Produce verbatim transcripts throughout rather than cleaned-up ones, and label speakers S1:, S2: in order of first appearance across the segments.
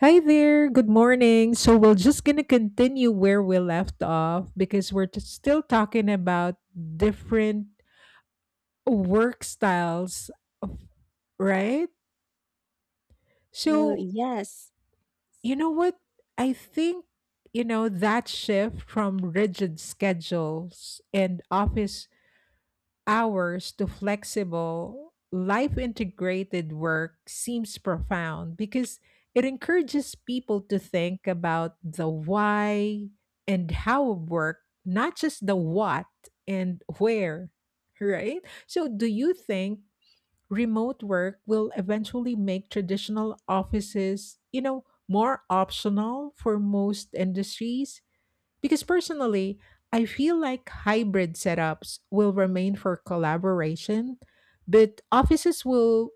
S1: Hi there, good morning. So we're just going to continue where we left off because we're t- still talking about different work styles, of- right?
S2: Well,
S1: So,
S2: yes.
S1: you know what? I think, you know, that shift from rigid schedules and office hours to flexible, life integrated work seems profound because it encourages people to think about the why and how of work, not just the what and where, right? So, do you think remote work will eventually make traditional offices, you know, more optional for most industries? Because personally, I feel like hybrid setups will remain for collaboration, but offices will,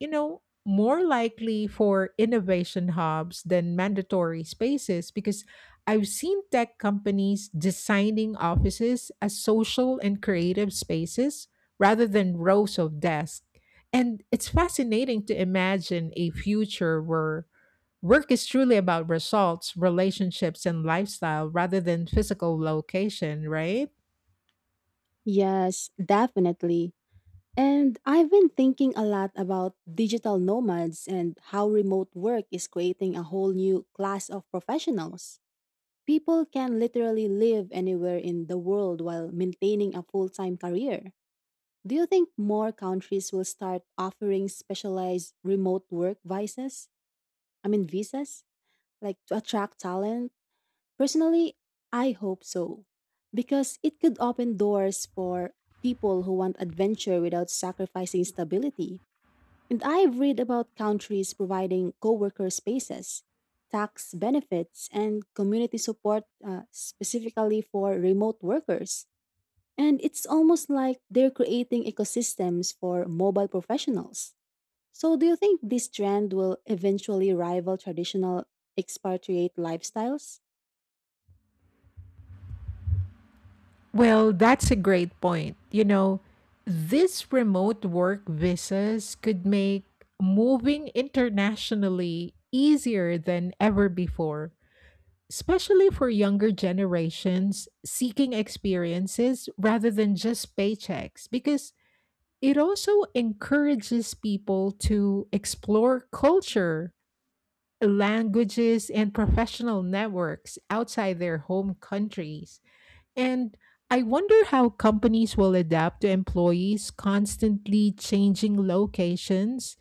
S1: you know, more likely for innovation hubs than mandatory spaces because I've seen tech companies designing offices as social and creative spaces rather than rows of desks. And it's fascinating to imagine a future where work is truly about results, relationships, and lifestyle rather than physical location, right?
S2: Yes, definitely. And I've been thinking a lot about digital nomads and how remote work is creating a whole new class of professionals. People can literally live anywhere in the world while maintaining a full time career. Do you think more countries will start offering specialized remote work visas? I mean, visas? Like to attract talent? Personally, I hope so, because it could open doors for people who want adventure without sacrificing stability. And I've read about countries providing coworker spaces, tax benefits, and community support uh, specifically for remote workers. And it's almost like they're creating ecosystems for mobile professionals. So, do you think this trend will eventually rival traditional expatriate lifestyles?
S1: Well, that's a great point. You know, these remote work visas could make moving internationally easier than ever before, especially for younger generations seeking experiences rather than just paychecks, because it also encourages people to explore culture languages, and professional networks outside their home countries. And I wonder how companies will adapt to employees constantly changing locations.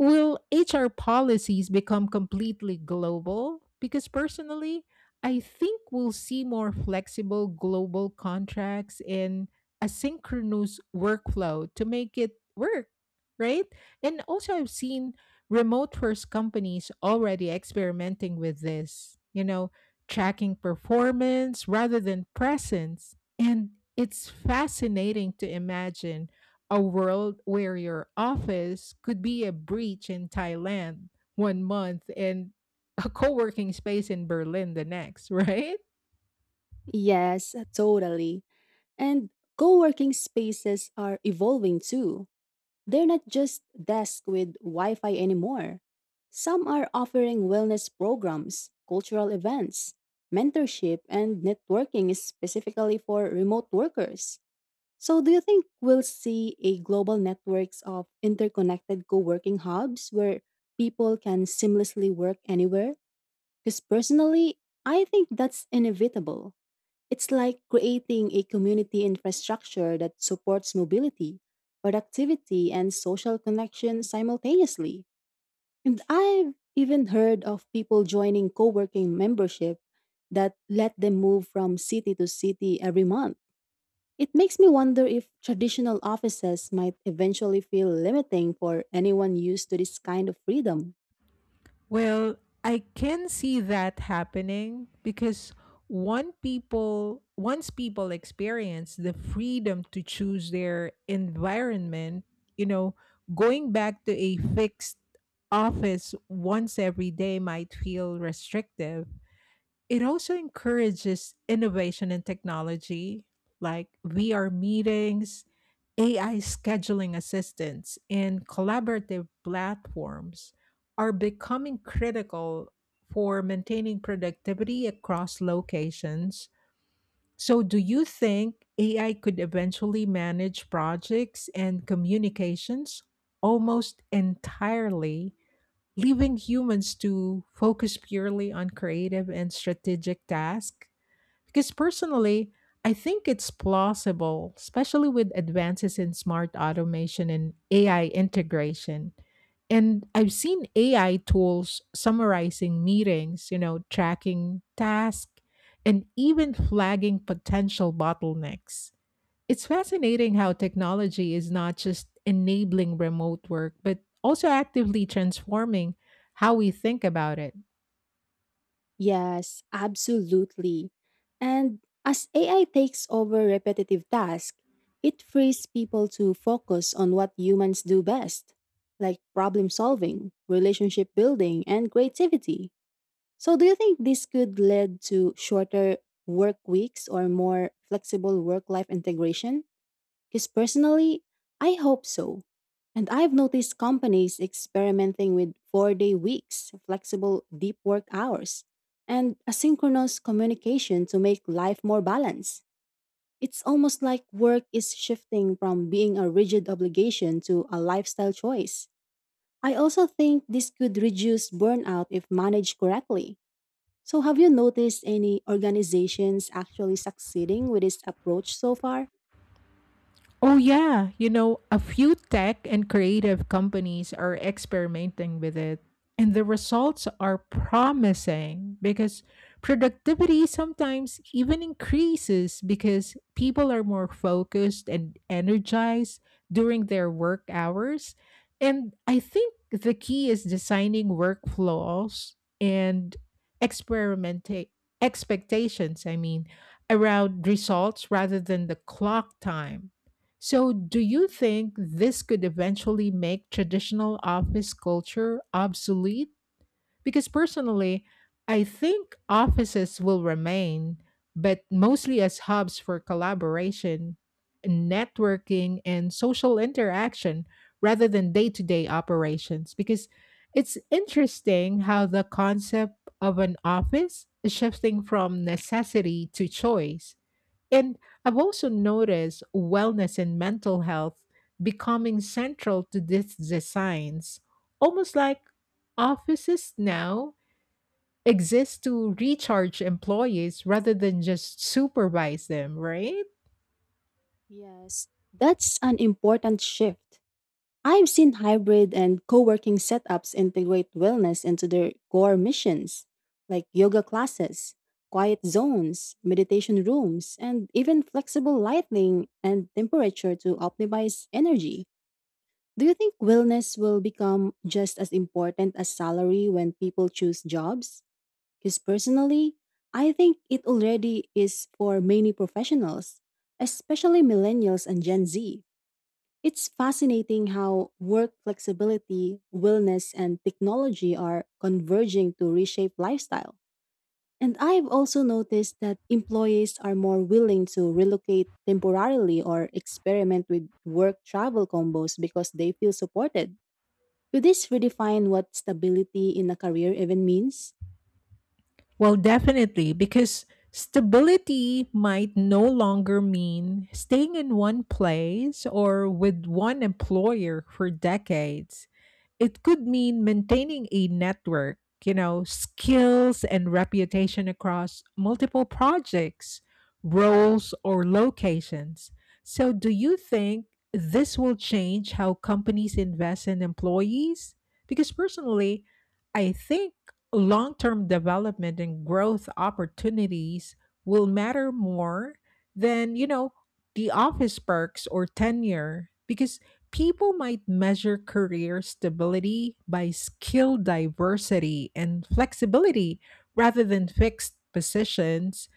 S1: Will H R policies become completely global? Because personally, I think we'll see more flexible global contracts and asynchronous workflow to make it work, right? And also, I've seen remote first companies already experimenting with this, you know, tracking performance rather than presence. And it's fascinating to imagine a world where your office could be a beach in Thailand one month and a co working space in Berlin the next, right?
S2: Yes, totally. And co working spaces are evolving too. They're not just desks with Wi Fi anymore. Some are offering wellness programs, cultural events, mentorship, and networking is specifically for remote workers. So, do you think we'll see a global networks of interconnected co working hubs where people can seamlessly work anywhere? Because personally, I think that's inevitable. It's like creating a community infrastructure that supports mobility, productivity, and social connection simultaneously. And I've even heard of people joining co working membership that let them move from city to city every month. It makes me wonder if traditional offices might eventually feel limiting for anyone used to this kind of freedom.
S1: Well, I can see that happening because one people once people experience the freedom to choose their environment, you know, going back to a fixed office once every day might feel restrictive. It also encourages innovation in technology like V R meetings, A I scheduling assistants, and collaborative platforms are becoming critical for maintaining productivity across locations. So, do you think A I could eventually manage projects and communications almost entirely, leaving humans to focus purely on creative and strategic tasks? Because personally, I think it's plausible, especially with advances in smart automation and A I integration. And I've seen A I tools summarizing meetings, you know, tracking tasks, and even flagging potential bottlenecks. It's fascinating how technology is not just enabling remote work, but also actively transforming how we think about it.
S2: Yes, absolutely. And as A I takes over repetitive tasks, it frees people to focus on what humans do best, like problem solving, relationship building, and creativity. So, do you think this could lead to shorter work weeks or more flexible work life integration? Because personally, I hope so. And I've noticed companies experimenting with four day weeks, flexible deep work hours, and asynchronous communication to make life more balanced. It's almost like work is shifting from being a rigid obligation to a lifestyle choice. I also think this could reduce burnout if managed correctly. So, have you noticed any organizations actually succeeding with this approach so far?
S1: Oh, yeah. You know, a few tech and creative companies are experimenting with it, and the results are promising because productivity sometimes even increases because people are more focused and energized during their work hours. And I think the key is designing workflows and experimenting expectations, I mean, around results rather than the clock time. So, do you think this could eventually make traditional office culture obsolete? Because personally, I think offices will remain, but mostly as hubs for collaboration, networking, and social interaction rather than day to day operations. Because it's interesting how the concept of an office is shifting from necessity to choice, and I've also noticed wellness and mental health becoming central to these designs, almost like offices now exist to recharge employees rather than just supervise them, right?
S2: Yes, that's an important shift. I've seen hybrid and co working setups integrate wellness into their core missions, like yoga classes, quiet zones, meditation rooms, and even flexible lighting and temperature to optimize energy. Do you think wellness will become just as important as salary when people choose jobs? Because personally, I think it already is for many professionals, especially millennials and Gen Z. It's fascinating how work flexibility, wellness, and technology are converging to reshape lifestyle. And I've also noticed that employees are more willing to relocate temporarily or experiment with work travel combos because they feel supported. Could this redefine what stability in a career even means?
S1: Well, definitely, because stability might no longer mean staying in one place or with one employer for decades. It could mean maintaining a network, you know, skills and reputation across multiple projects, roles, or locations. So, do you think this will change how companies invest in employees? Because personally, I think long term development and growth opportunities will matter more than, you know, the office perks or tenure, because people might measure career stability by skill diversity and flexibility rather than fixed positions.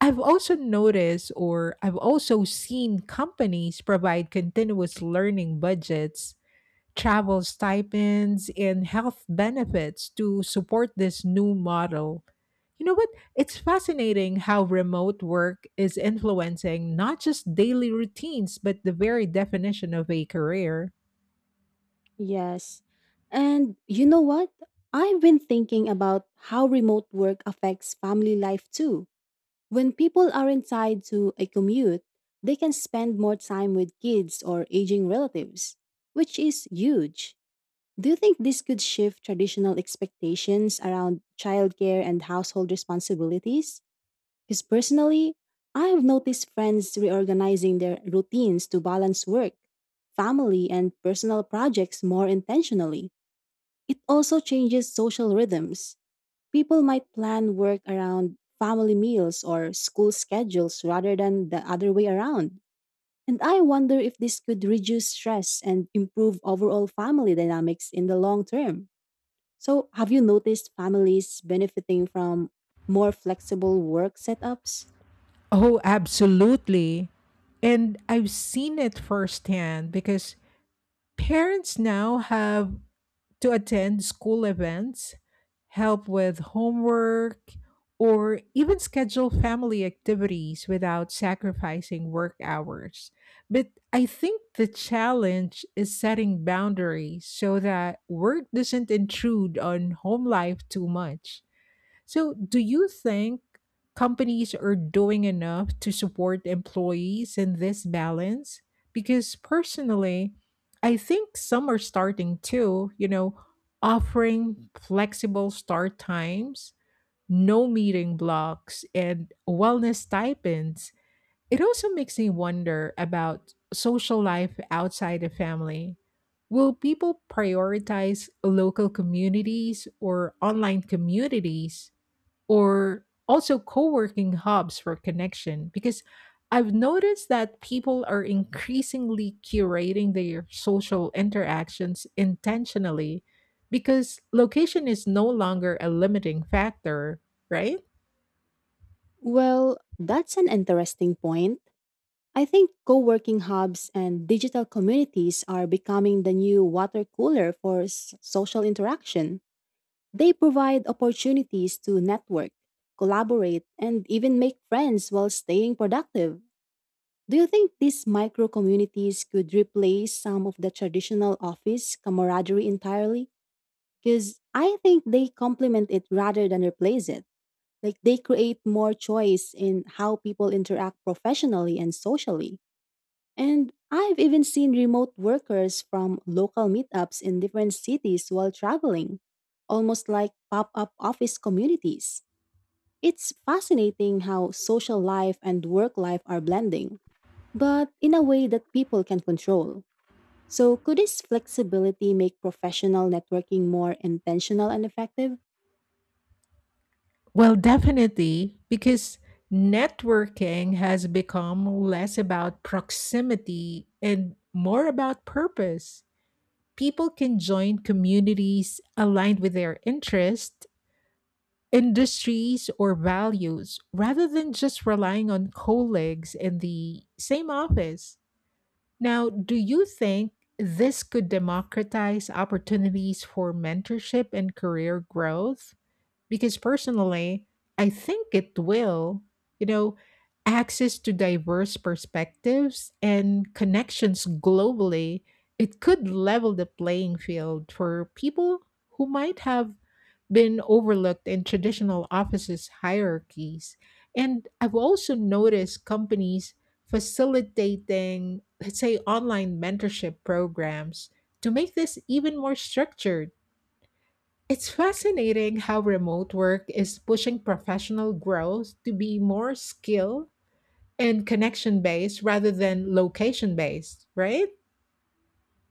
S1: I've also noticed, or I've also seen companies provide continuous learning budgets, travel stipends, and health benefits to support this new model. You know what? It's fascinating how remote work is influencing not just daily routines, but the very definition of a career.
S2: Yes. And you know what? I've been thinking about how remote work affects family life too. When people aren't tied to a commute, they can spend more time with kids or aging relatives, which is huge. Do you think this could shift traditional expectations around childcare and household responsibilities? Because personally, I have noticed friends reorganizing their routines to balance work, family, and personal projects more intentionally. It also changes social rhythms. People might plan work around family meals or school schedules rather than the other way around. And I wonder if this could reduce stress and improve overall family dynamics in the long term. So, have you noticed families benefiting from more flexible work setups?
S1: Oh, absolutely. And I've seen it firsthand because parents now have to attend school events, help with homework, or even schedule family activities without sacrificing work hours. But I think the challenge is setting boundaries so that work doesn't intrude on home life too much. So, do you think companies are doing enough to support employees in this balance? Because personally, I think some are starting to, you know, offering flexible start times, no meeting blocks, and wellness stipends. It also makes me wonder about social life outside the family. Will people prioritize local communities or online communities or also co-working hubs for connection? Because I've noticed that people are increasingly curating their social interactions intentionally because location is no longer a limiting factor, right?
S2: Well, that's an interesting point. I think co working hubs and digital communities are becoming the new water cooler for s- social interaction. They provide opportunities to network, collaborate, and even make friends while staying productive. Do you think these micro communities could replace some of the traditional office camaraderie entirely? Because I think they complement it rather than replace it. Like they create more choice in how people interact professionally and socially. And I've even seen remote workers from local meetups in different cities while traveling, almost like pop up office communities. It's fascinating how social life and work life are blending, but in a way that people can control. So, could this flexibility make professional networking more intentional and effective?
S1: Well, definitely, because networking has become less about proximity and more about purpose. People can join communities aligned with their interests, industries or values rather than just relying on colleagues in the same office. Now, do you think this could democratize opportunities for mentorship and career growth? Because personally, I think it will, you know, access to diverse perspectives and connections globally, it could level the playing field for people who might have been overlooked in traditional offices hierarchies. And I've also noticed companies facilitating, let's say, online mentorship programs to make this even more structured. It's fascinating how remote work is pushing professional growth to be more skill and connection based rather than location based, right?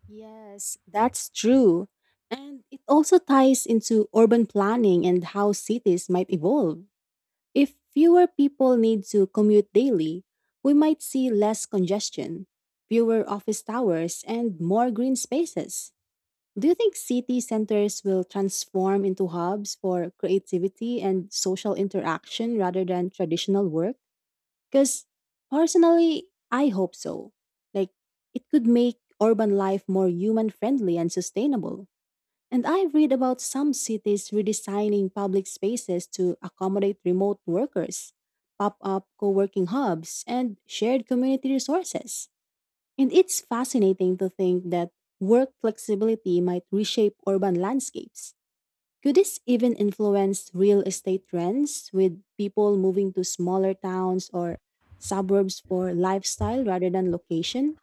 S2: Yes, that's true. And it also ties into urban planning and how cities might evolve. If fewer people need to commute daily, we might see less congestion, fewer office towers, and more green spaces. Do you think city centers will transform into hubs for creativity and social interaction rather than traditional work? Because personally, I hope so. Like, it could make urban life more human friendly and sustainable. And I read about some cities redesigning public spaces to accommodate remote workers, pop up co working hubs, and shared community resources. And it's fascinating to think that work flexibility might reshape urban landscapes. Could this even influence real estate trends with people moving to smaller towns or suburbs for lifestyle rather than location?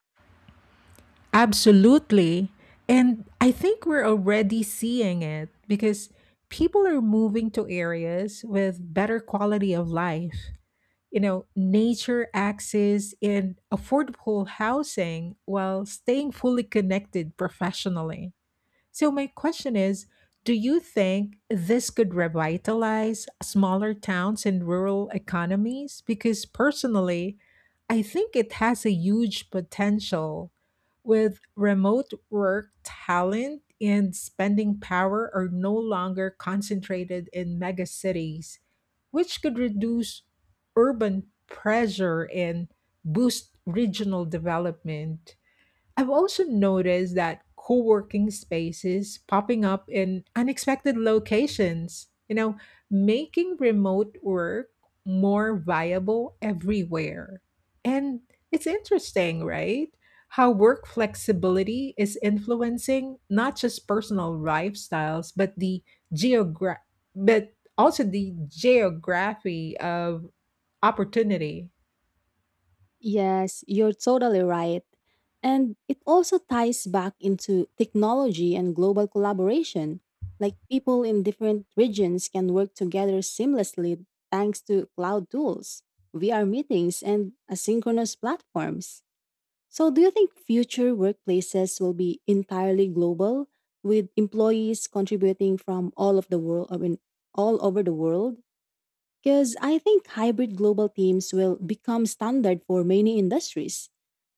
S1: Absolutely. And I think we're already seeing it because people are moving to areas with better quality of life, you know, nature access and affordable housing while staying fully connected professionally. So, my question is, do you think this could revitalize smaller towns and rural economies? Because personally, I think it has a huge potential. With remote work, talent and spending power are no longer concentrated in mega cities, which could reduce urban pressure and boost regional development. I've also noticed that co working spaces popping up in unexpected locations, you know, making remote work more viable everywhere. And it's interesting, right? How work flexibility is influencing not just personal lifestyles, but the geogra- but also the geography of opportunity.
S2: Yes, you're totally right. And it also ties back into technology and global collaboration. Like people in different regions can work together seamlessly thanks to cloud tools, V R meetings, and asynchronous platforms. So, do you think future workplaces will be entirely global with employees contributing from all of the world, I mean, all over the world? Because I think hybrid global teams will become standard for many industries.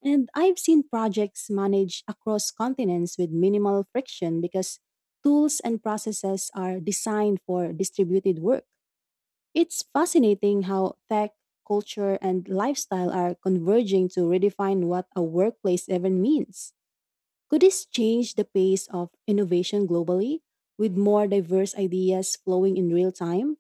S2: And I've seen projects managed across continents with minimal friction because tools and processes are designed for distributed work. It's fascinating how tech, culture, and lifestyle are converging to redefine what a workplace even means. Could this change the pace of innovation globally with more diverse ideas flowing in real time?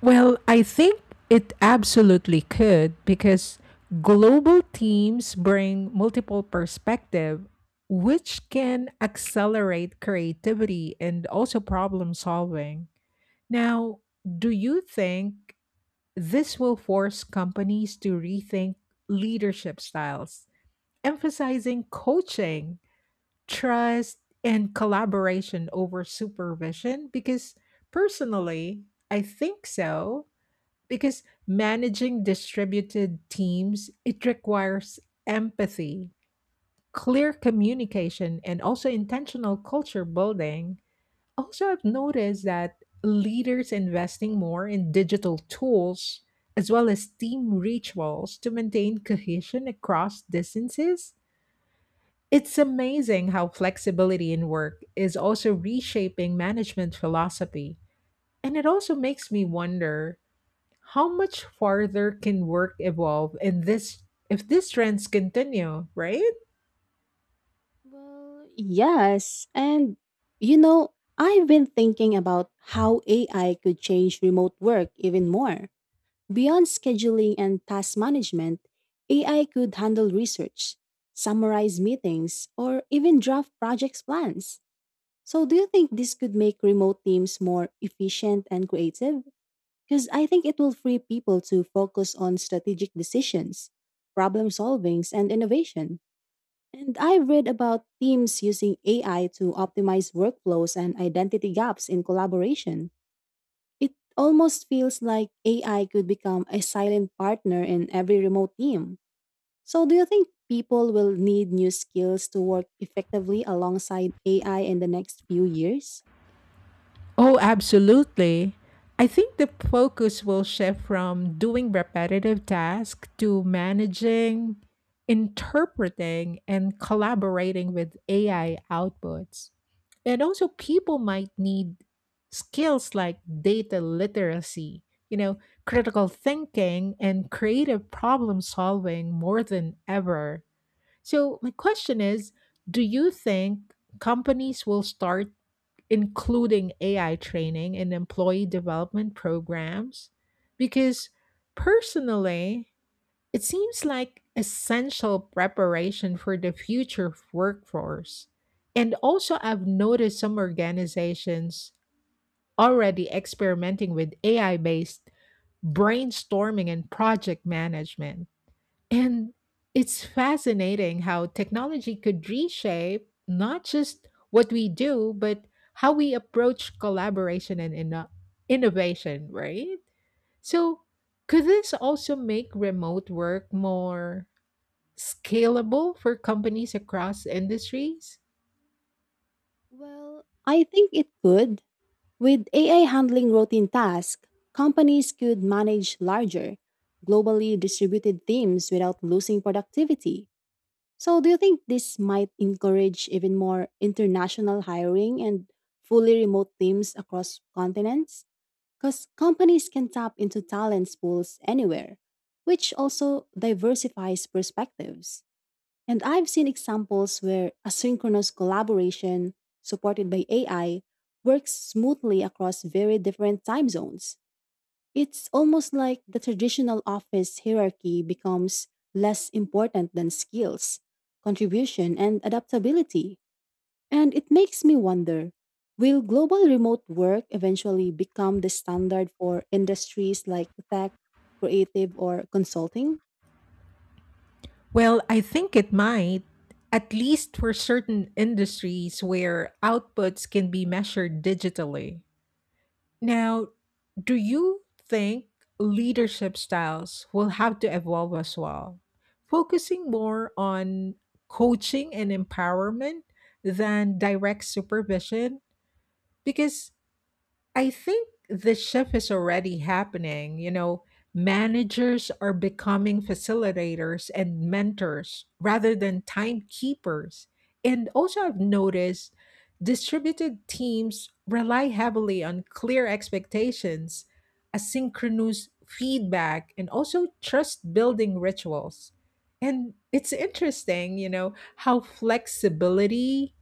S1: Well, I think it absolutely could because global teams bring multiple perspective which can accelerate creativity and also problem solving. Now, do you think this will force companies to rethink leadership styles, emphasizing coaching, trust, and collaboration over supervision? Because personally, I think so, because managing distributed teams it requires empathy, clear communication and also intentional culture building. Also, I've noticed that leaders investing more in digital tools as well as team rituals to maintain cohesion across distances. It's amazing how flexibility in work is also reshaping management philosophy, and it also makes me wonder how much farther can work evolve in this if these trends continue, right?
S2: Well, yes. And, you know, I've been thinking about how A I could change remote work even more. Beyond scheduling and task management, A I could handle research, summarize meetings, or even draft projects plans. So, do you think this could make remote teams more efficient and creative? Because I think it will free people to focus on strategic decisions, problem solvings, and innovation. And I've read about teams using A I to optimize workflows and identity gaps in collaboration. It almost feels like A I could become a silent partner in every remote team. So, do you think people will need new skills to work effectively alongside A I in the next few years?
S1: Oh, absolutely. I think the focus will shift from doing repetitive tasks to managing, interpreting, and collaborating with A I outputs. And also, people might need skills like data literacy, you know, critical thinking, and creative problem solving more than ever. So, my question is, do you think companies will start including A I training in employee development programs? Because personally, it seems like essential preparation for the future workforce. And also, I've noticed some organizations already experimenting with A I based brainstorming and project management. And it's fascinating how technology could reshape not just what we do, but how we approach collaboration and inno- innovation, right? So, could this also make remote work more scalable for companies across industries?
S2: Well, I think it could. With A I handling routine tasks, companies could manage larger, globally distributed teams without losing productivity. So, do you think this might encourage even more international hiring and fully remote teams across continents? Because companies can tap into talent pools anywhere, which also diversifies perspectives. And I've seen examples where asynchronous collaboration supported by A I works smoothly across very different time zones. It's almost like the traditional office hierarchy becomes less important than skills, contribution, and adaptability. And it makes me wonder, will global remote work eventually become the standard for industries like tech, creative, or consulting?
S1: Well, I think it might, at least for certain industries where outputs can be measured digitally. Now, do you think leadership styles will have to evolve as well, focusing more on coaching and empowerment than direct supervision? Because I think the shift is already happening. You know, managers are becoming facilitators and mentors rather than timekeepers. And also, I've noticed distributed teams rely heavily on clear expectations, asynchronous feedback, and also trust building rituals. And it's interesting, you know, how flexibility,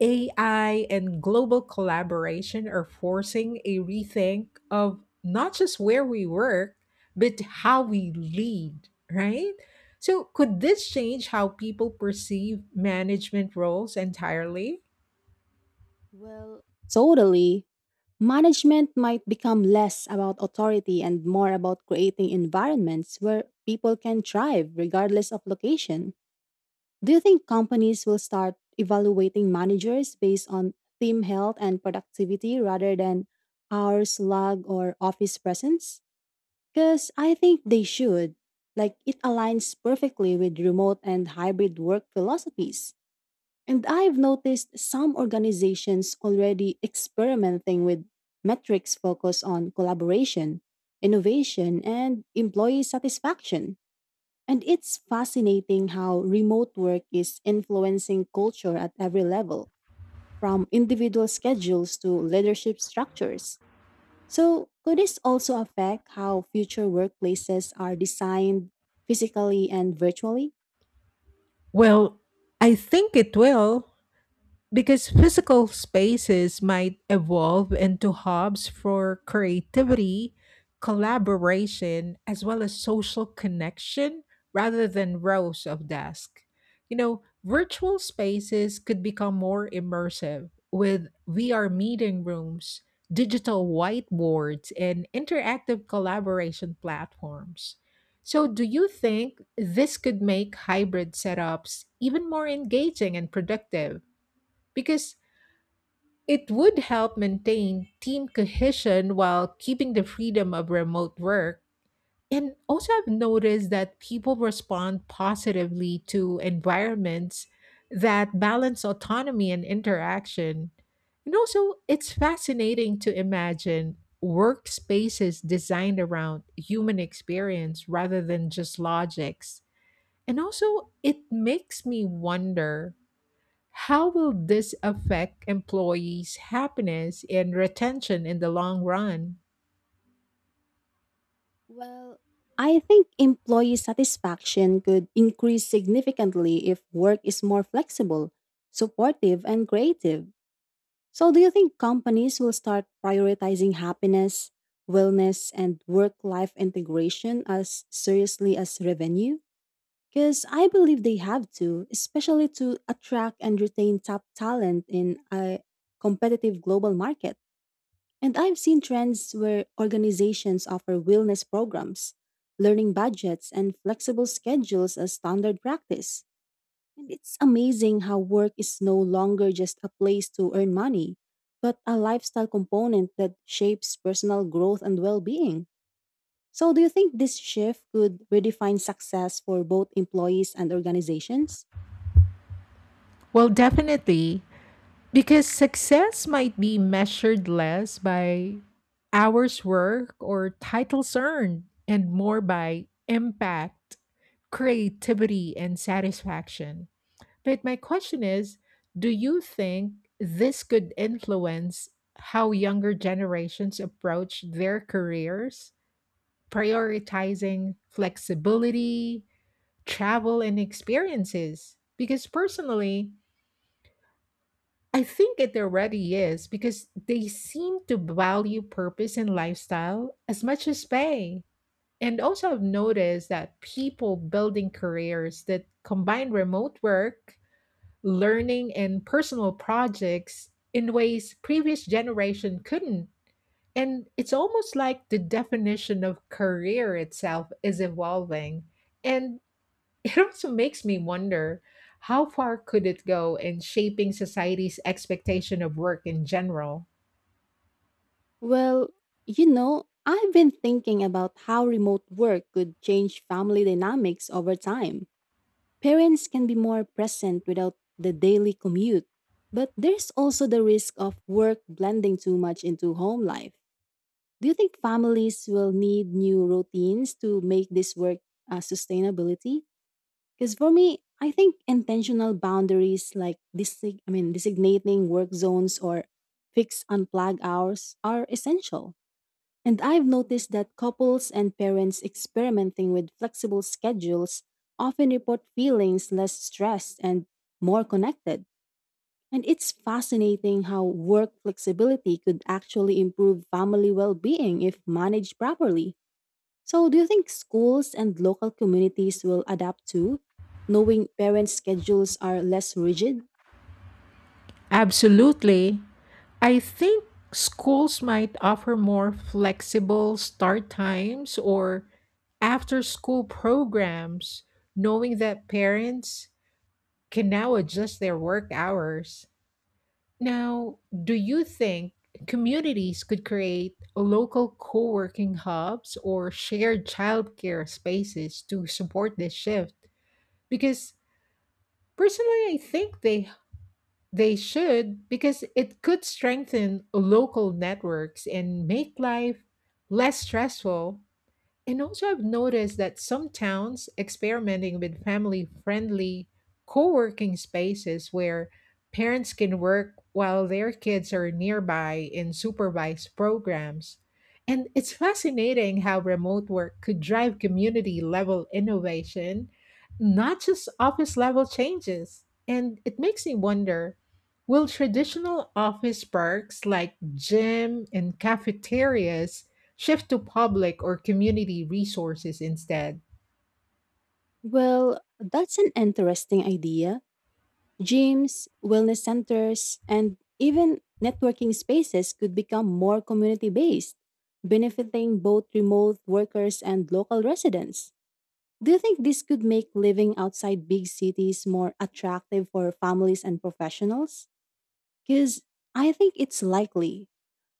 S1: A I and global collaboration are forcing a rethink of not just where we work, but how we lead, right? So, could this change how people perceive management roles entirely?
S2: Well, totally. Management might become less about authority and more about creating environments where people can thrive regardless of location. Do you think companies will start evaluating managers based on team health and productivity rather than hours logged or office presence? Because I think they should. Like, it aligns perfectly with remote and hybrid work philosophies. And I've noticed some organizations already experimenting with metrics focused on collaboration, innovation, and employee satisfaction. And it's fascinating how remote work is influencing culture at every level, from individual schedules to leadership structures. So, could this also affect how future workplaces are designed physically and virtually?
S1: Well, I think it will because physical spaces might evolve into hubs for creativity, collaboration, as well as social connection rather than rows of desks. You know, virtual spaces could become more immersive with V R meeting rooms, digital whiteboards, and interactive collaboration platforms. So, do you think this could make hybrid setups even more engaging and productive? Because it would help maintain team cohesion while keeping the freedom of remote work. And also, I've noticed that people respond positively to environments that balance autonomy and interaction. And also, it's fascinating to imagine workspaces designed around human experience rather than just logics. And also, it makes me wonder how will this affect employees' happiness and retention in the long run?
S2: Well, I think employee satisfaction could increase significantly if work is more flexible, supportive, and creative. So, do you think companies will start prioritizing happiness, wellness, and work life integration as seriously as revenue? Because I believe they have to, especially to attract and retain top talent in a competitive global market. And I've seen trends where organizations offer wellness programs, learning budgets, and flexible schedules as standard practice. And it's amazing how work is no longer just a place to earn money, but a lifestyle component that shapes personal growth and well being. So, do you think this shift could redefine success for both employees and organizations?
S1: Well, definitely, because success might be measured less by hours worked or titles earned and more by impact, creativity, and satisfaction. But my question is, do you think this could influence how younger generations approach their careers? Prioritizing flexibility, travel, and experiences. Because personally, I think it already is because they seem to value purpose and lifestyle as much as pay. And also, I've noticed that people building careers that combine remote work, learning, and personal projects in ways previous generation couldn't, and it's almost like the definition of career itself is evolving. And it also makes me wonder how far could it go in shaping society's expectation of work in general?
S2: Well, you know, I've been thinking about how remote work could change family dynamics over time. Parents can be more present without the daily commute, but there's also the risk of work blending too much into home life. Do you think families will need new routines to make this work uh, sustainability? Because for me, I think intentional boundaries like desi- I mean designating work zones or fixed unplug hours are essential. And I've noticed that couples and parents experimenting with flexible schedules often report feelings less stressed and more connected. And it's fascinating how work flexibility could actually improve family well being if managed properly. So, do you think schools and local communities will adapt too, knowing parents' schedules are less rigid?
S1: Absolutely. I think schools might offer more flexible start times or after school programs, knowing that parents can now adjust their work hours. Now, do you think communities could create local co working hubs or shared childcare spaces to support this shift? Because personally, I think they they should because it could strengthen local networks and make life less stressful. And also, I've noticed that some towns experimenting with family friendly co working spaces where parents can work while their kids are nearby in supervised programs. And it's fascinating how remote work could drive community level innovation, not just office level changes. And it makes me wonder, will traditional office perks like gym and cafeterias shift to public or community resources instead?
S2: Well, that's an interesting idea. Gyms, wellness centers, and even networking spaces could become more community based, benefiting both remote workers and local residents. Do you think this could make living outside big cities more attractive for families and professionals? Because I think it's likely.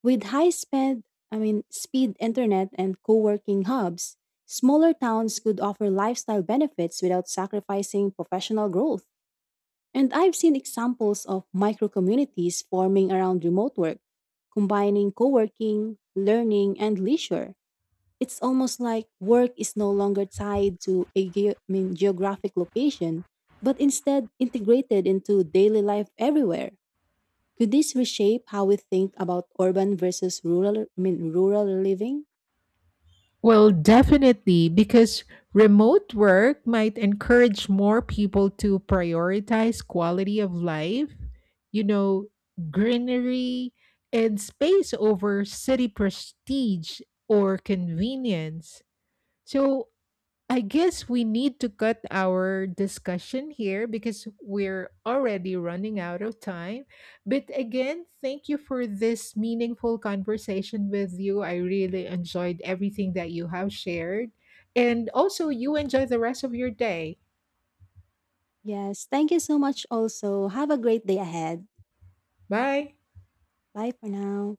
S2: With high spend, I mean, speed internet and co working hubs, smaller towns could offer lifestyle benefits without sacrificing professional growth. And I've seen examples of micro communities forming around remote work, combining co working, learning, and leisure. It's almost like work is no longer tied to a ge- I mean, geographic location, but instead integrated into daily life everywhere. Could this reshape how we think about urban versus rural, I mean, rural living?
S1: Well, definitely, because remote work might encourage more people to prioritize quality of life, you know, greenery and space over city prestige or convenience. So, I guess we need to cut our discussion here because we're already running out of time. But again, thank you for this meaningful conversation with you. I really enjoyed everything that you have shared. And also, you enjoy the rest of your day.
S2: Yes, thank you so much also. Have a great day ahead.
S1: Bye.
S2: Bye for now.